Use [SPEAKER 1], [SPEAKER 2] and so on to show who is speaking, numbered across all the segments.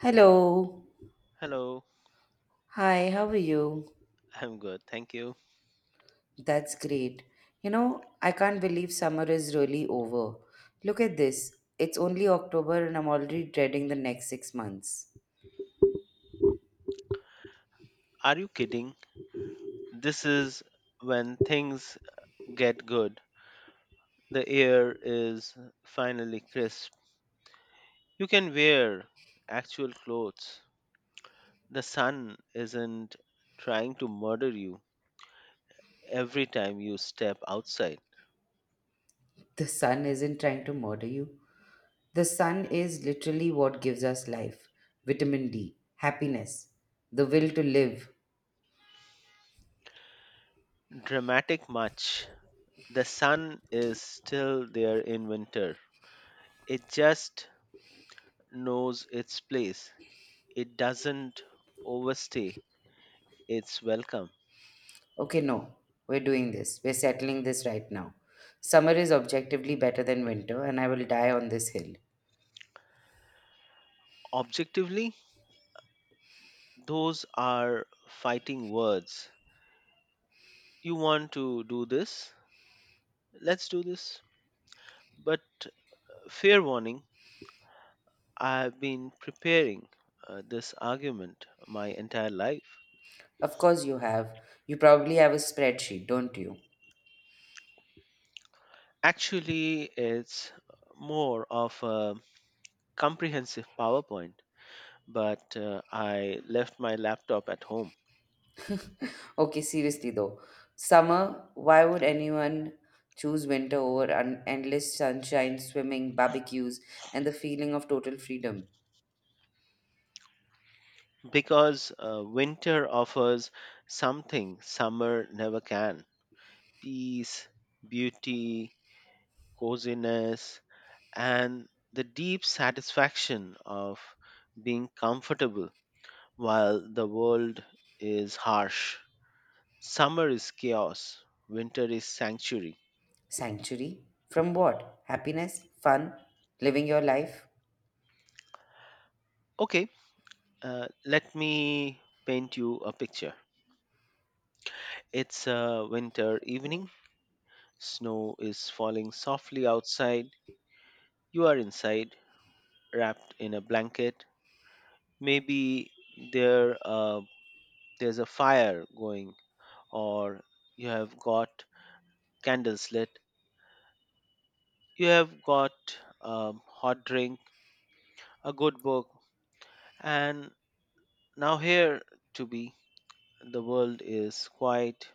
[SPEAKER 1] Hello.
[SPEAKER 2] Hello.
[SPEAKER 1] Hi, how are you?
[SPEAKER 2] I'm good, thank you.
[SPEAKER 1] That's great. You know, I can't believe summer is really over. Look at this. It's only October and I'm already dreading the next 6 months.
[SPEAKER 2] Are you kidding? This is when things get good. The air is finally crisp. You can wear actual clothes. The sun isn't trying to murder you every time you step outside.
[SPEAKER 1] The sun isn't trying to murder you. The sun is literally what gives us life vitamin D, happiness, the will to live.
[SPEAKER 2] Dramatic much. The sun is still there in winter. It just knows its place. It doesn't overstay its welcome.
[SPEAKER 1] Okay, no, we're doing this. We're settling this right now. Summer is objectively better than winter, and I will die on this hill.
[SPEAKER 2] Objectively, those are fighting words. You want to do this? Let's do this. But fair warning, I have been preparing this argument my entire life.
[SPEAKER 1] Of course, you have. You probably have a spreadsheet, don't you?
[SPEAKER 2] Actually, it's more of a comprehensive PowerPoint, but I left my laptop at home.
[SPEAKER 1] Okay, seriously though. Summer, why would anyone choose winter over endless sunshine, swimming, barbecues, and the feeling of total freedom?
[SPEAKER 2] Because winter offers something summer never can: peace, beauty, coziness, and the deep satisfaction of being comfortable while the world is harsh. Summer is chaos, winter is sanctuary.
[SPEAKER 1] Sanctuary? From what? Happiness? Fun? Living your life?
[SPEAKER 2] Okay, let me paint you a picture. It's a winter evening, snow is falling softly outside. You are inside, wrapped in a blanket. Maybe there uh, there's a fire going, or you have got candles lit. You have got a hot drink, a good book, and now here to be. The world is quiet.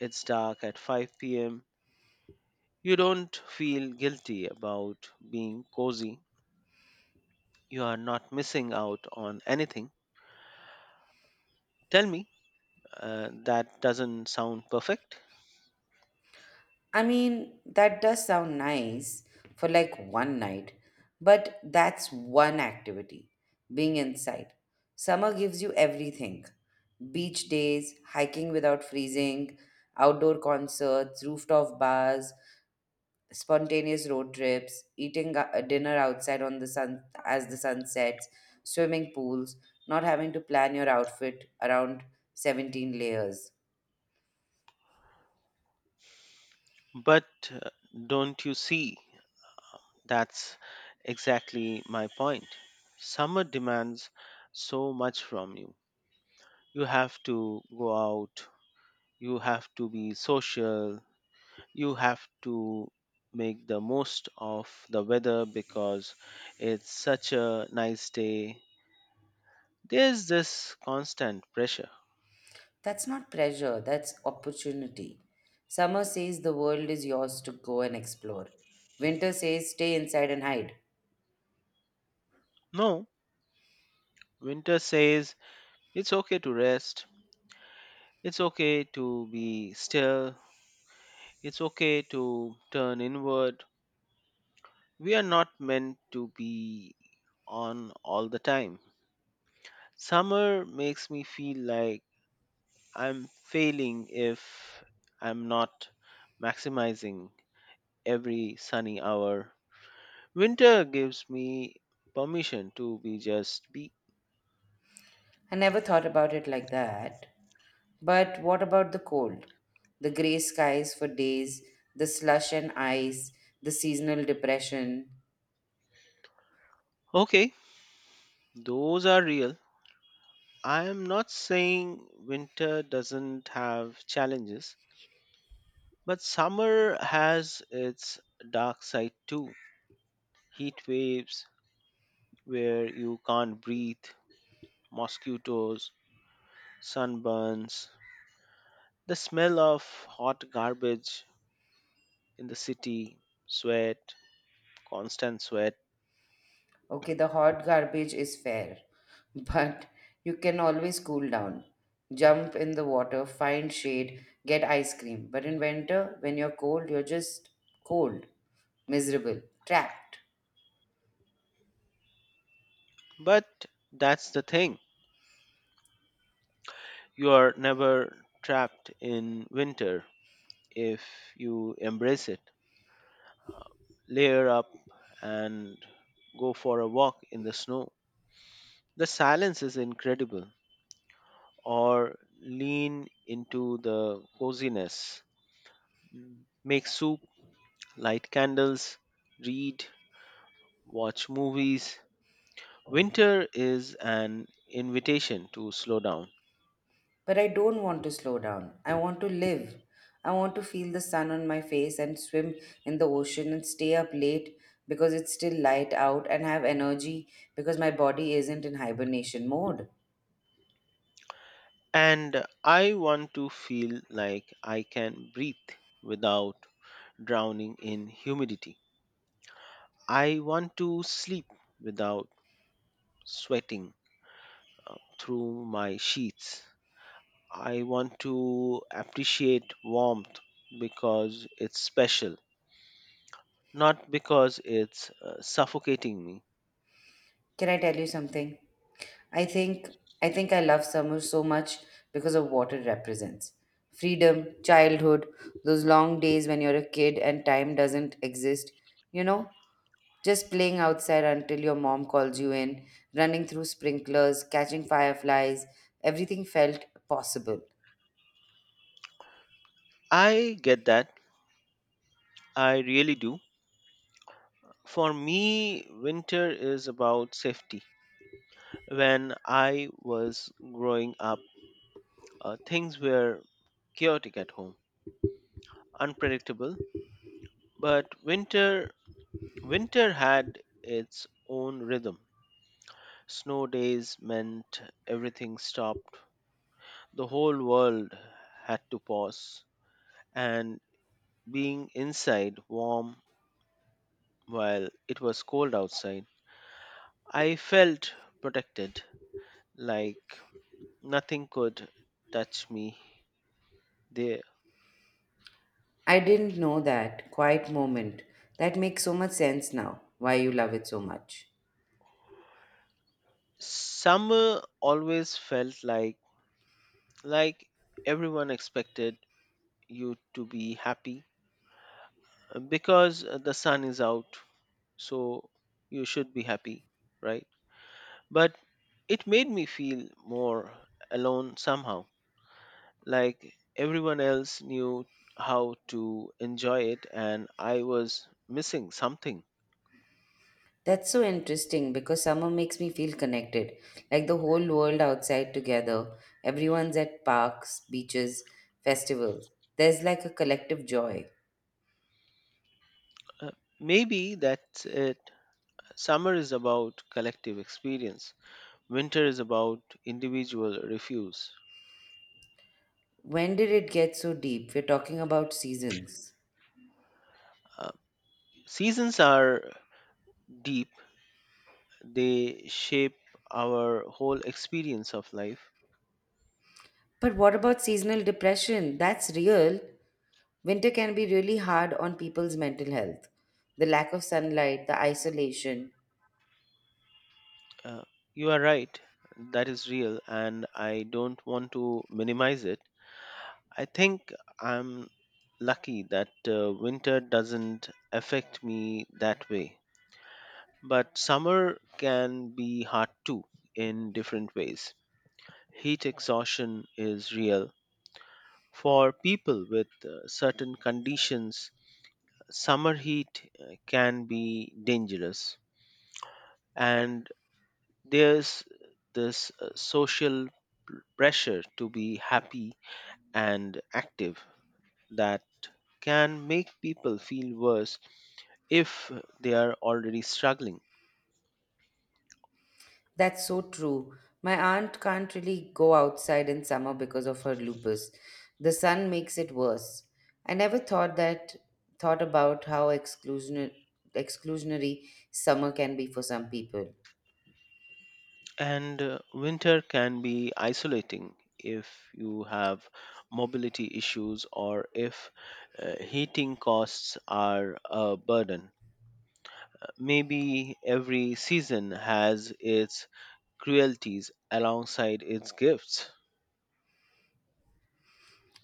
[SPEAKER 2] It's dark at 5 p.m. You don't feel guilty about being cozy. You are not missing out on anything. Tell me, that doesn't sound perfect,
[SPEAKER 1] I mean, that does sound nice for like one night, but that's one activity being inside. Summer gives you everything beach days, hiking without freezing, outdoor concerts, rooftop bars, spontaneous road trips, eating a dinner outside on the sun as the sun sets, swimming pools, not having to plan your outfit around 17 layers.
[SPEAKER 2] but uh, don't you see? That's exactly my point. Summer demands so much from you. You have to go out. You have to be social. You have to make the most of the weather because it's such a nice day. There's this constant pressure.
[SPEAKER 1] That's not pressure, that's opportunity. Summer says the world is yours to go and explore. Winter says stay inside and hide.
[SPEAKER 2] No, winter says it's okay to rest. It's okay to be still. It's okay to turn inward. We are not meant to be on all the time. Summer makes me feel like I'm failing if I'm not maximizing every sunny hour. Winter gives me permission to be just be.
[SPEAKER 1] I never thought about it like that. But what about the cold? The grey skies for days, the slush and ice, the seasonal depression.
[SPEAKER 2] Okay, those are real. I am not saying winter doesn't have challenges, but summer has its dark side too. Heat waves where you can't breathe, mosquitoes, sunburns, the smell of hot garbage in the city, sweat, constant sweat.
[SPEAKER 1] Okay, the hot garbage is fair, but you can always cool down. Jump in the water, find shade, get ice cream. But in winter, when you're cold, you're just cold, miserable, trapped.
[SPEAKER 2] But that's the thing. You are never trapped in winter if you embrace it. Uh, Layer up and go for a walk in the snow. The silence is incredible. Or lean into the coziness. Make soup, light candles, read, watch movies. Winter is an invitation to slow down.
[SPEAKER 1] But I don't want to slow down. I want to live. I want to feel the sun on my face and swim in the ocean and stay up late because it's still light out and have energy because my body isn't in hibernation mode.
[SPEAKER 2] And I want to feel like I can breathe without drowning in humidity. I want to sleep without sweating through my sheets. I want to appreciate warmth because it's special, not because it's suffocating me.
[SPEAKER 1] Can I tell you something? I think I think I love summer so much because of what it represents. Freedom, childhood, those long days when you're a kid and time doesn't exist, you know? Just playing outside until your mom calls you in, running through sprinklers, catching fireflies, everything felt possible.
[SPEAKER 2] I get that. I really do. For me, winter is about safety. When I was growing up, things were chaotic at home, unpredictable, but winter had its own rhythm. Snow days meant everything stopped. The whole world had to pause, and being inside warm while it was cold outside, I felt protected, like nothing could touch me. The
[SPEAKER 1] I didn't know that quiet moment. That makes so much sense now, why you love it so much.
[SPEAKER 2] summer always felt like, like everyone expected you to be happy because the sun is out, so you should be happy, right? But it made me feel more alone somehow, like everyone else knew how to enjoy it, and I was missing something.
[SPEAKER 1] That's so interesting because summer makes me feel connected, like the whole world outside together. Everyone's at parks, beaches, festivals. There's like a collective joy.
[SPEAKER 2] uh, Maybe that's it. Summer is about collective experience, winter is about individual refuse.
[SPEAKER 1] When did it get so deep? We're talking about seasons.
[SPEAKER 2] uh, Seasons are deep. They shape our whole experience of life.
[SPEAKER 1] But what about seasonal depression? That's real. Winter can be really hard on people's mental health. The lack of sunlight, the isolation.
[SPEAKER 2] Uh, you are right, that is real, and I don't want to minimize it. I think I'm lucky that winter doesn't affect me that way. But summer can be hard too in different ways. Heat exhaustion is real. For people with certain conditions, summer heat can be dangerous. And there's this social pressure to be happy and active that can make people feel worse if they are already struggling.
[SPEAKER 1] That's so true. My aunt can't really go outside in summer because of her lupus. The sun makes it worse. I never thought about how exclusionary summer can be for some people.
[SPEAKER 2] And winter can be isolating if you have mobility issues or if heating costs are a burden. Maybe every season has its cruelties alongside its gifts.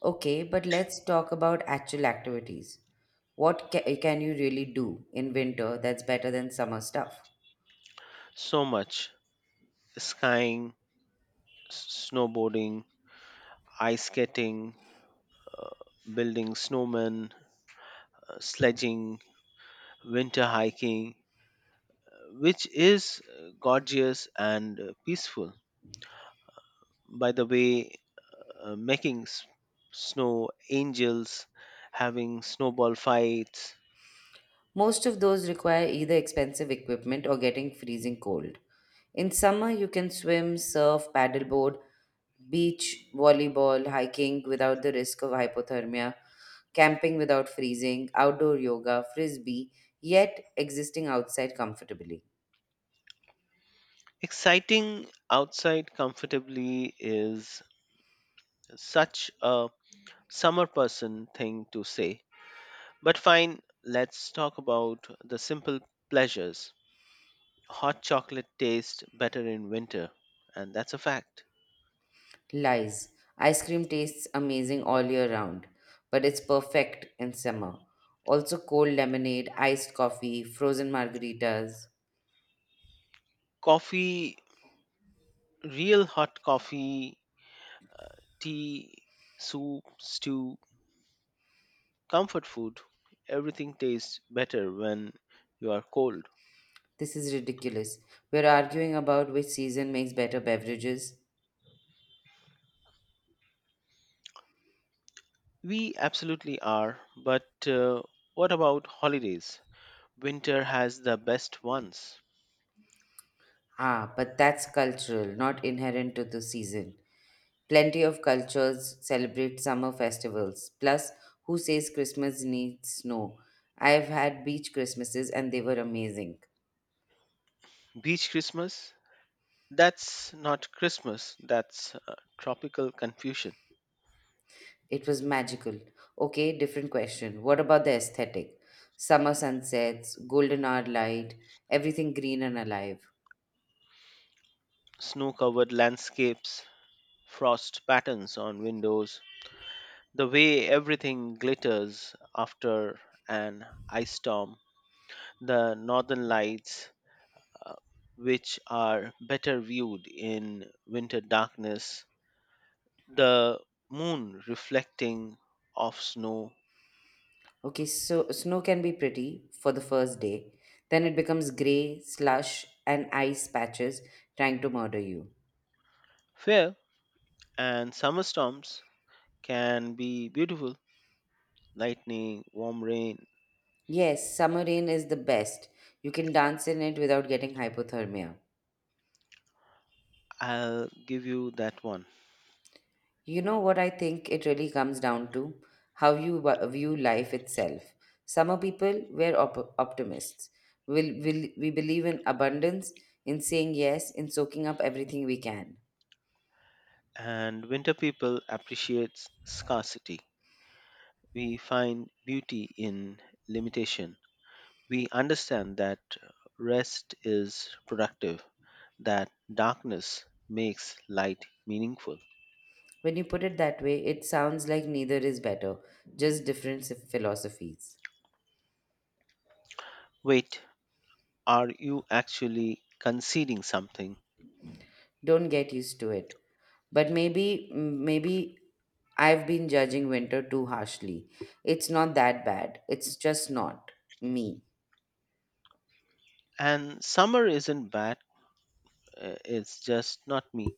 [SPEAKER 1] Okay, but let's talk about actual activities. What can you really do in winter that's better than summer stuff?
[SPEAKER 2] So much skying, snowboarding, ice skating, uh, building snowmen, sledging, winter hiking, which is gorgeous and peaceful. By the way, making snow angels, having snowball fights,
[SPEAKER 1] Most of those require either expensive equipment or getting freezing cold. In summer, you can swim, surf, paddleboard, beach volleyball, hiking without the risk of hypothermia, camping without freezing, outdoor yoga, frisbee, yet existing outside comfortably.
[SPEAKER 2] exciting outside comfortably is such a summer person thing to say. But fine, let's talk about the simple pleasures. Hot chocolate tastes better in winter, and that's a fact.
[SPEAKER 1] Lies. Ice cream tastes amazing all year round, but it's perfect in summer. Also, cold lemonade, iced coffee, frozen margaritas.
[SPEAKER 2] Coffee, real hot coffee, uh, tea, soup, stew, comfort food, everything tastes better when you are cold.
[SPEAKER 1] This is ridiculous. We're arguing about which season makes better beverages.
[SPEAKER 2] We absolutely are, but what about holidays? Winter has the best ones.
[SPEAKER 1] Ah, but that's cultural, not inherent to the season. Plenty of cultures celebrate summer festivals. Plus, who says Christmas needs snow? I've had beach Christmases and they were amazing.
[SPEAKER 2] Beach Christmas? That's not Christmas, that's tropical confusion.
[SPEAKER 1] It was magical. Okay, different question. What about the aesthetic? Summer sunsets, golden hour light, everything green and alive.
[SPEAKER 2] Snow covered landscapes, frost patterns on windows, the way everything glitters after an ice storm, the northern lights, uh, which are better viewed in winter darkness, the moon reflecting off snow.
[SPEAKER 1] Okay, so snow can be pretty for the first day, then it becomes grey, slush, and ice patches trying to murder you.
[SPEAKER 2] Fair. And summer storms can be beautiful: lightning, warm rain.
[SPEAKER 1] Yes, summer rain is the best. You can dance in it without getting hypothermia.
[SPEAKER 2] I'll give you that one.
[SPEAKER 1] You know what I think it really comes down to? How you view life itself. Summer people, we're optimists. We believe in abundance, in saying yes, in soaking up everything we can.
[SPEAKER 2] And winter people appreciates scarcity. We find beauty in limitation. We understand that rest is productive, that darkness makes light meaningful.
[SPEAKER 1] When you put it that way, it sounds like neither is better, just different philosophies.
[SPEAKER 2] Wait, are you actually conceding something?
[SPEAKER 1] Don't get used to it. But maybe I've been judging winter too harshly. It's not that bad. It's just not me.
[SPEAKER 2] And summer isn't bad, it's just not me.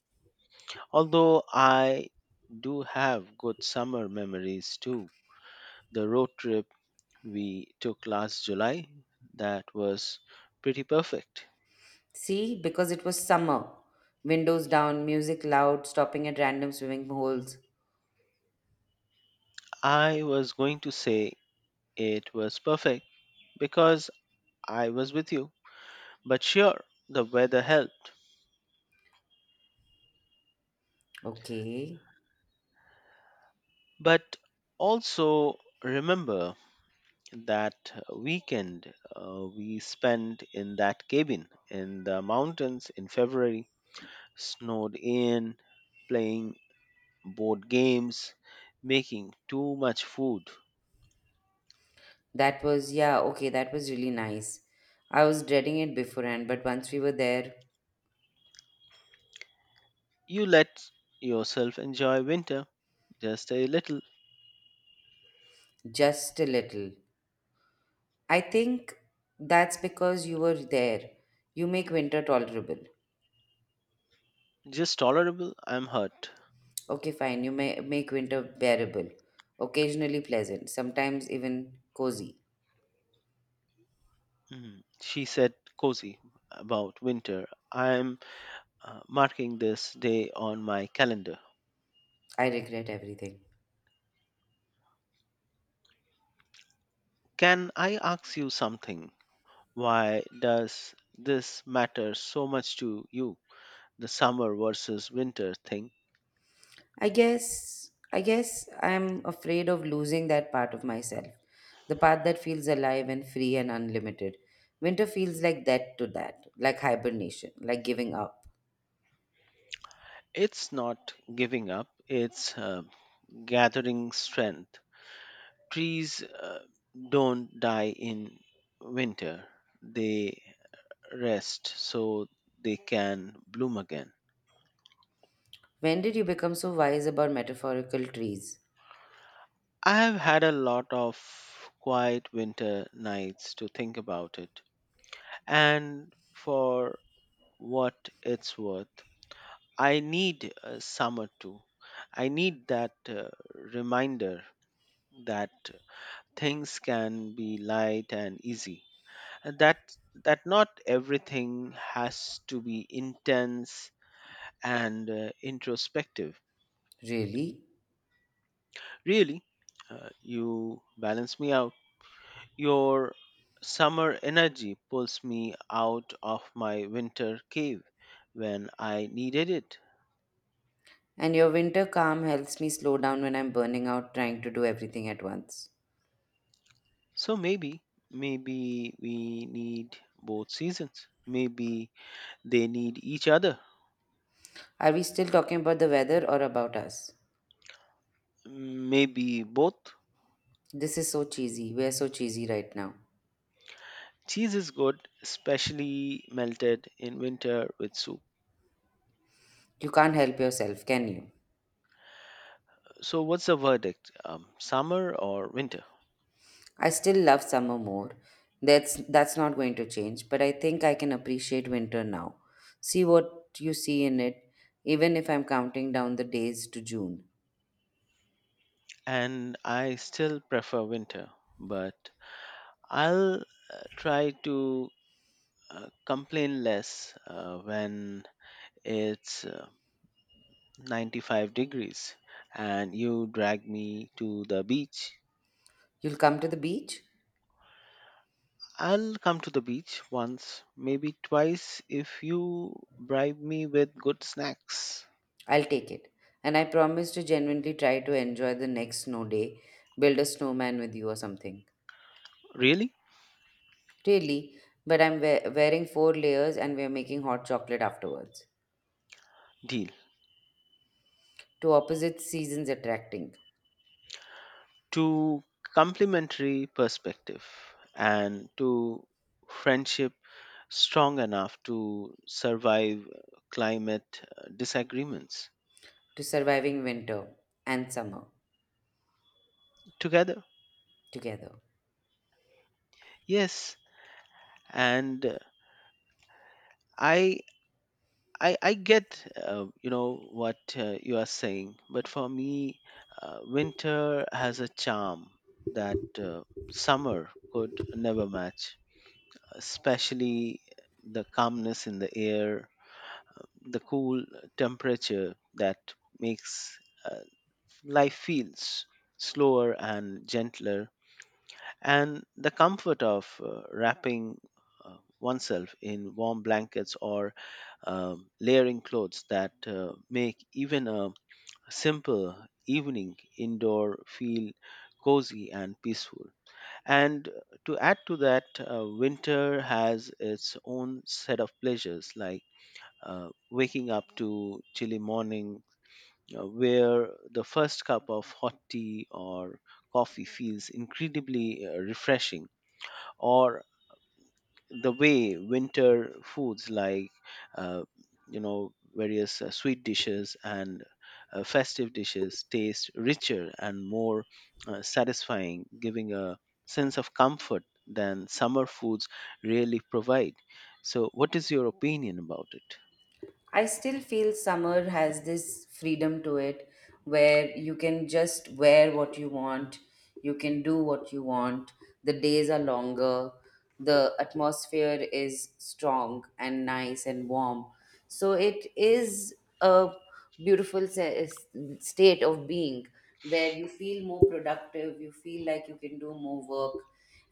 [SPEAKER 2] Although I do have good summer memories too. The road trip we took last July, that was pretty perfect.
[SPEAKER 1] See, because it was summer. Windows down, music loud, stopping at random swimming holes.
[SPEAKER 2] I was going to say. It was perfect because I was with you. But sure, the weather helped.
[SPEAKER 1] Okay.
[SPEAKER 2] But also remember that weekend we spent in that cabin in the mountains in February, snowed in, playing board games, making too much food.
[SPEAKER 1] That was, yeah, okay, that was really nice. I was dreading it beforehand, but once we were there,
[SPEAKER 2] You let yourself enjoy winter just a little.
[SPEAKER 1] just a little. I think that's because you were there. You make winter tolerable.
[SPEAKER 2] Just tolerable. I'm hurt.
[SPEAKER 1] Okay, fine. You may make winter bearable, occasionally pleasant, sometimes even cozy.
[SPEAKER 2] She said, "cozy" about winter. I'm marking this day on my calendar.
[SPEAKER 1] I regret everything.
[SPEAKER 2] Can I ask you something? Why does this matter so much to you? The summer versus winter thing.
[SPEAKER 1] I guess I'm afraid of losing that part of myself. The part that feels alive and free and unlimited. Winter feels like that to that, like hibernation, like giving up.
[SPEAKER 2] It's not giving up, it's gathering strength. Trees don't die in winter, they rest so they can bloom again.
[SPEAKER 1] When did you become so wise about metaphorical trees?
[SPEAKER 2] I have had a lot of quiet winter nights to think about it. And for what it's worth, I need a summer too. I need that reminder that things can be light and easy. And that not everything has to be intense and introspective.
[SPEAKER 1] Really?
[SPEAKER 2] Really, you balance me out. Your summer energy pulls me out of my winter cave when I needed it.
[SPEAKER 1] And your winter calm helps me slow down when I'm burning out trying to do everything at once.
[SPEAKER 2] So maybe we need both seasons. Maybe they need each other.
[SPEAKER 1] Are we still talking about the weather or about us?
[SPEAKER 2] Maybe both.
[SPEAKER 1] This is so cheesy. We're so cheesy right now.
[SPEAKER 2] Cheese is good, especially melted in winter with soup.
[SPEAKER 1] You can't help yourself, can you?
[SPEAKER 2] So, what's the verdict? Summer or winter?
[SPEAKER 1] I still love summer more. That's not going to change, but I think I can appreciate winter now. See what you see in it, even if I'm counting down the days to June.
[SPEAKER 2] And I still prefer winter, but I'll try to complain less when it's 95 degrees and you drag me to the beach.
[SPEAKER 1] You'll come to the beach?
[SPEAKER 2] I'll come to the beach once, maybe twice if you bribe me with good snacks.
[SPEAKER 1] I'll take it. And I promise to genuinely try to enjoy the next snow day, build a snowman with you or something.
[SPEAKER 2] Really?
[SPEAKER 1] Really, but I'm wearing 4 layers and we're making hot chocolate afterwards.
[SPEAKER 2] Deal.
[SPEAKER 1] To opposite seasons attracting,
[SPEAKER 2] To complementary perspective and to friendship strong enough to survive climate disagreements
[SPEAKER 1] to surviving winter and summer
[SPEAKER 2] together.
[SPEAKER 1] together.
[SPEAKER 2] Yes, and I I get you know what you are saying, but for me, winter has a charm that summer could never match, especially the calmness in the air, the cool temperature that makes uh, life feels slower and gentler, and the comfort of wrapping oneself in warm blankets, or layering clothes that make even a simple evening indoor feel cozy and peaceful. And to add to that, winter has its own set of pleasures, like waking up to chilly morning where the first cup of hot tea or coffee feels incredibly refreshing, or the way winter foods, like uh, various sweet dishes and festive dishes, taste richer and more satisfying, giving a sense of comfort than summer foods really provide. So what is your opinion about it?
[SPEAKER 1] I still feel summer has this freedom to it where you can just wear what you want, you can do what you want, the days are longer, the atmosphere is strong and nice and warm. So it is a beautiful state of being where you feel more productive, you feel like you can do more work.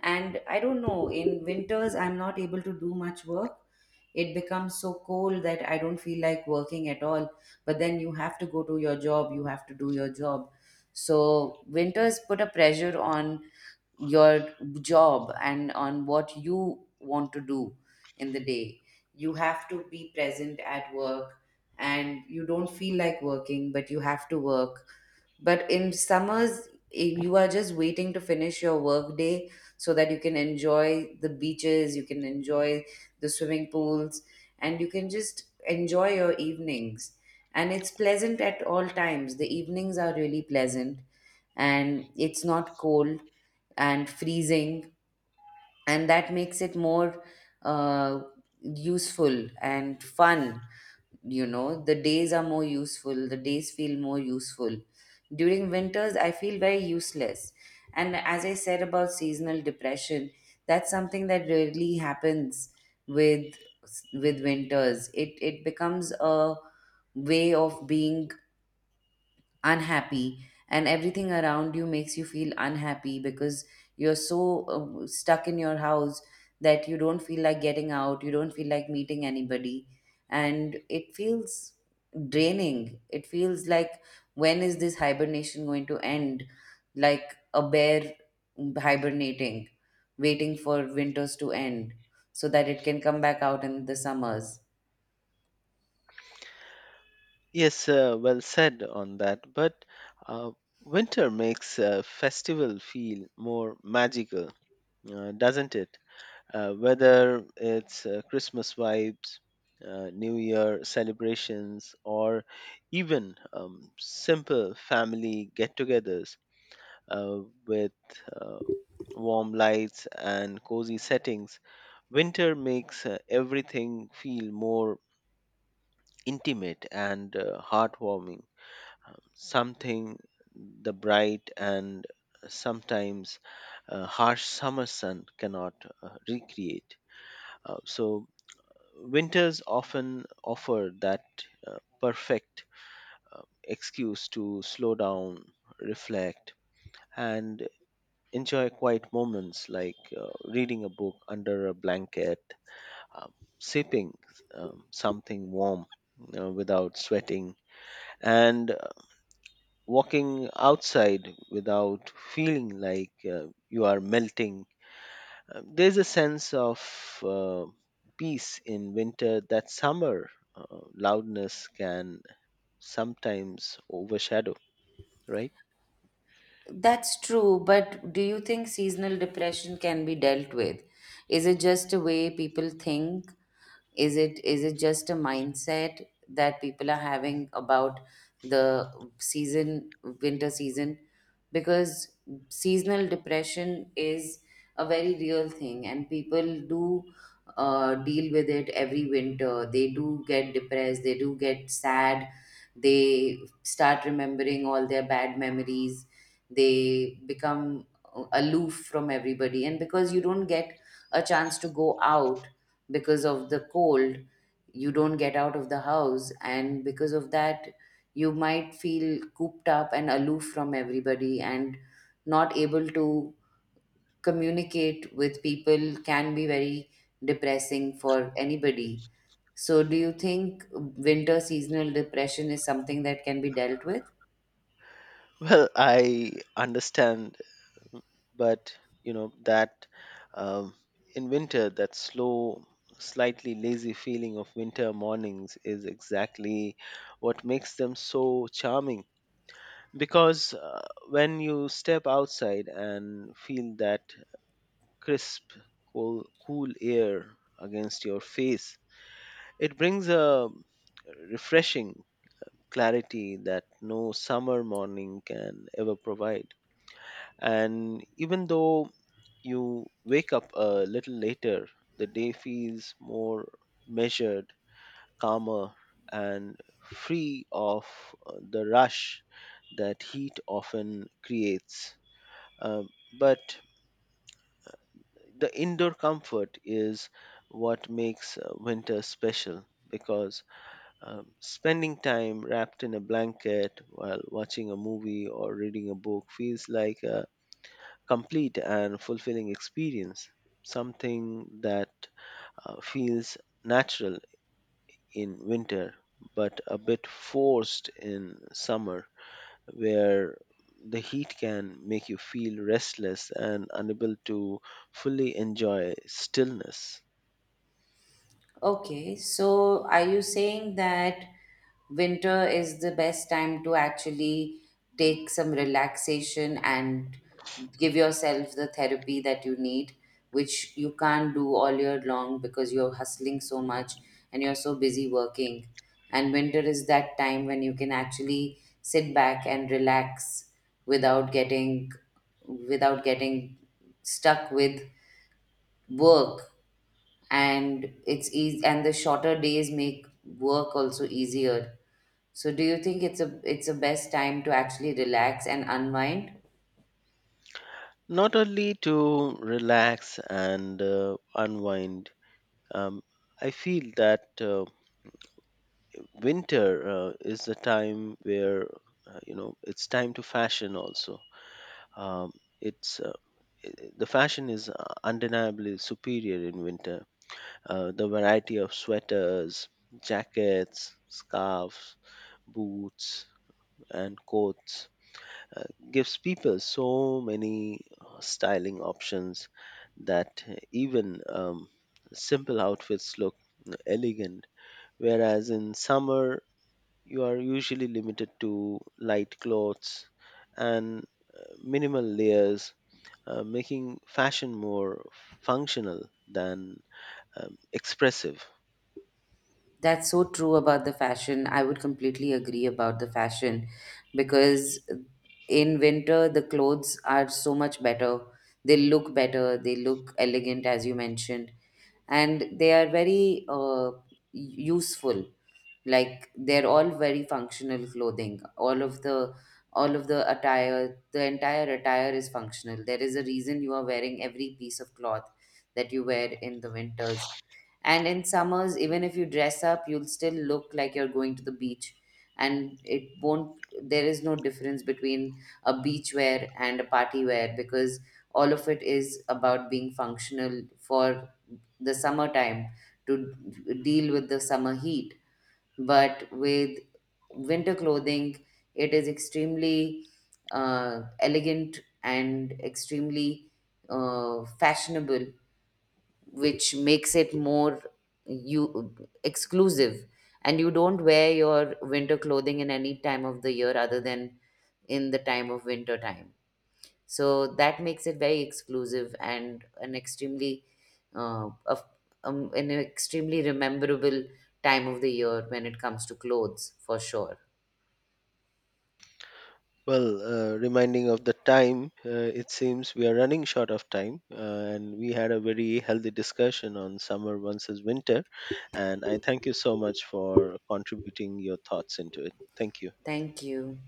[SPEAKER 1] And I don't know, in winters, I'm not able to do much work, it becomes so cold that I don't feel like working at all, but then you have to go to your job, you have to do your job, so winters put a pressure on your job and on what you want to do in the day. You have to be present at work and you don't feel like working but you have to work. But in summers, you are just waiting to finish your work day so that you can enjoy the beaches, you can enjoy the swimming pools, and you can just enjoy your evenings. And it's pleasant at all times. The evenings are really pleasant, and it's not cold and freezing, and that makes it more uh, useful and fun. You know, the days are more useful, the days feel more useful. During winters I feel very useless. And as I said about seasonal depression, that's something that rarely happens with with winters. It becomes a way of being unhappy and everything around you makes you feel unhappy because you're so stuck in your house that you don't feel like getting out, you don't feel like meeting anybody, and it feels draining. It feels like, when is this hibernation going to end? Like a bear hibernating, waiting for winters to end so that it can come back out in the summers.
[SPEAKER 2] Yes, well said on that. But uh, winter makes a festival feel more magical, doesn't it? Whether it's Christmas vibes, New Year celebrations, or even simple family get togethers uh, with uh, warm lights and cozy settings, winter makes everything feel more intimate and heartwarming. Something the bright and sometimes harsh summer sun cannot recreate. So winters often offer that perfect excuse to slow down, reflect, and enjoy quiet moments, like reading a book under a blanket, um, sipping something warm without sweating, and walking outside without feeling like you are melting. There's a sense of peace in winter that summer loudness can sometimes overshadow, right?
[SPEAKER 1] That's true, but do you think seasonal depression can be dealt with? Is it just a way people think, is it just a mindset that people are having about the season, winter season, because seasonal depression is a very real thing and people do deal with it every winter. They do get depressed, they do get sad, they start remembering all their bad memories, they become aloof from everybody, and because you don't get a chance to go out because of the cold, you don't get out of the house, and because of that you might feel cooped up and aloof from everybody, and not able to communicate with people can be very depressing for anybody. So do you think winter seasonal depression is something that can be dealt with?
[SPEAKER 2] Well, I understand, but you know that um, in winter, that slow, slightly lazy feeling of winter mornings is exactly what makes them so charming. Because when you step outside and feel that crisp, cool air against your face. It brings a refreshing clarity that no summer morning can ever provide. And even though you wake up a little later, the day feels more measured, calmer, and free of the rush that heat often creates. Uh, but the indoor comfort is what makes winter special, because spending time wrapped in a blanket while watching a movie or reading a book feels like a complete and fulfilling experience, something that feels natural in winter but a bit forced in summer, where the heat can make you feel restless and unable to fully enjoy stillness.
[SPEAKER 1] Okay, so are you saying that winter is the best time to actually take some relaxation and give yourself the therapy that you need, which you can't do all year long because you're hustling so much and you're so busy working, and winter is that time when you can actually sit back and relax without getting without getting stuck with work, and it's easy, and the shorter days make work also easier. So do you think it's the best time to actually relax and unwind?
[SPEAKER 2] Not only to relax and unwind, um, I feel that winter is the time where, it's time to fashion. Also, um, it's uh, the fashion is undeniably superior in winter. The variety of sweaters, jackets, scarves, boots, and coats uh, gives people so many styling options that even simple outfits look elegant. Whereas in summer, you are usually limited to light clothes and minimal layers, making fashion more functional than expressive.
[SPEAKER 1] That's so true about the fashion. I would completely agree about the fashion because in winter, the clothes are so much better. They look better, they look elegant, as you mentioned, and they are very useful. Like they're all very functional clothing. All of the attire, the entire attire is functional. There is a reason you are wearing every piece of cloth that you wear in the winters, and in summers, even if you dress up, you'll still look like you're going to the beach. And it won't, there is no difference between a beach wear and a party wear because all of it is about being functional for the summertime to deal with the summer heat. But with winter clothing, it is extremely elegant and extremely fashionable, which makes it more, you, exclusive, and you don't wear your winter clothing in any time of the year other than in the time of winter time. So that makes it very exclusive and an extremely uh, of, an extremely rememberable time of the year when it comes to clothes for sure.
[SPEAKER 2] Well, reminding of the time, it seems we are running short of time, and we had a very healthy discussion on summer versus winter. And I thank you so much for contributing your thoughts into it. Thank you.
[SPEAKER 1] Thank you.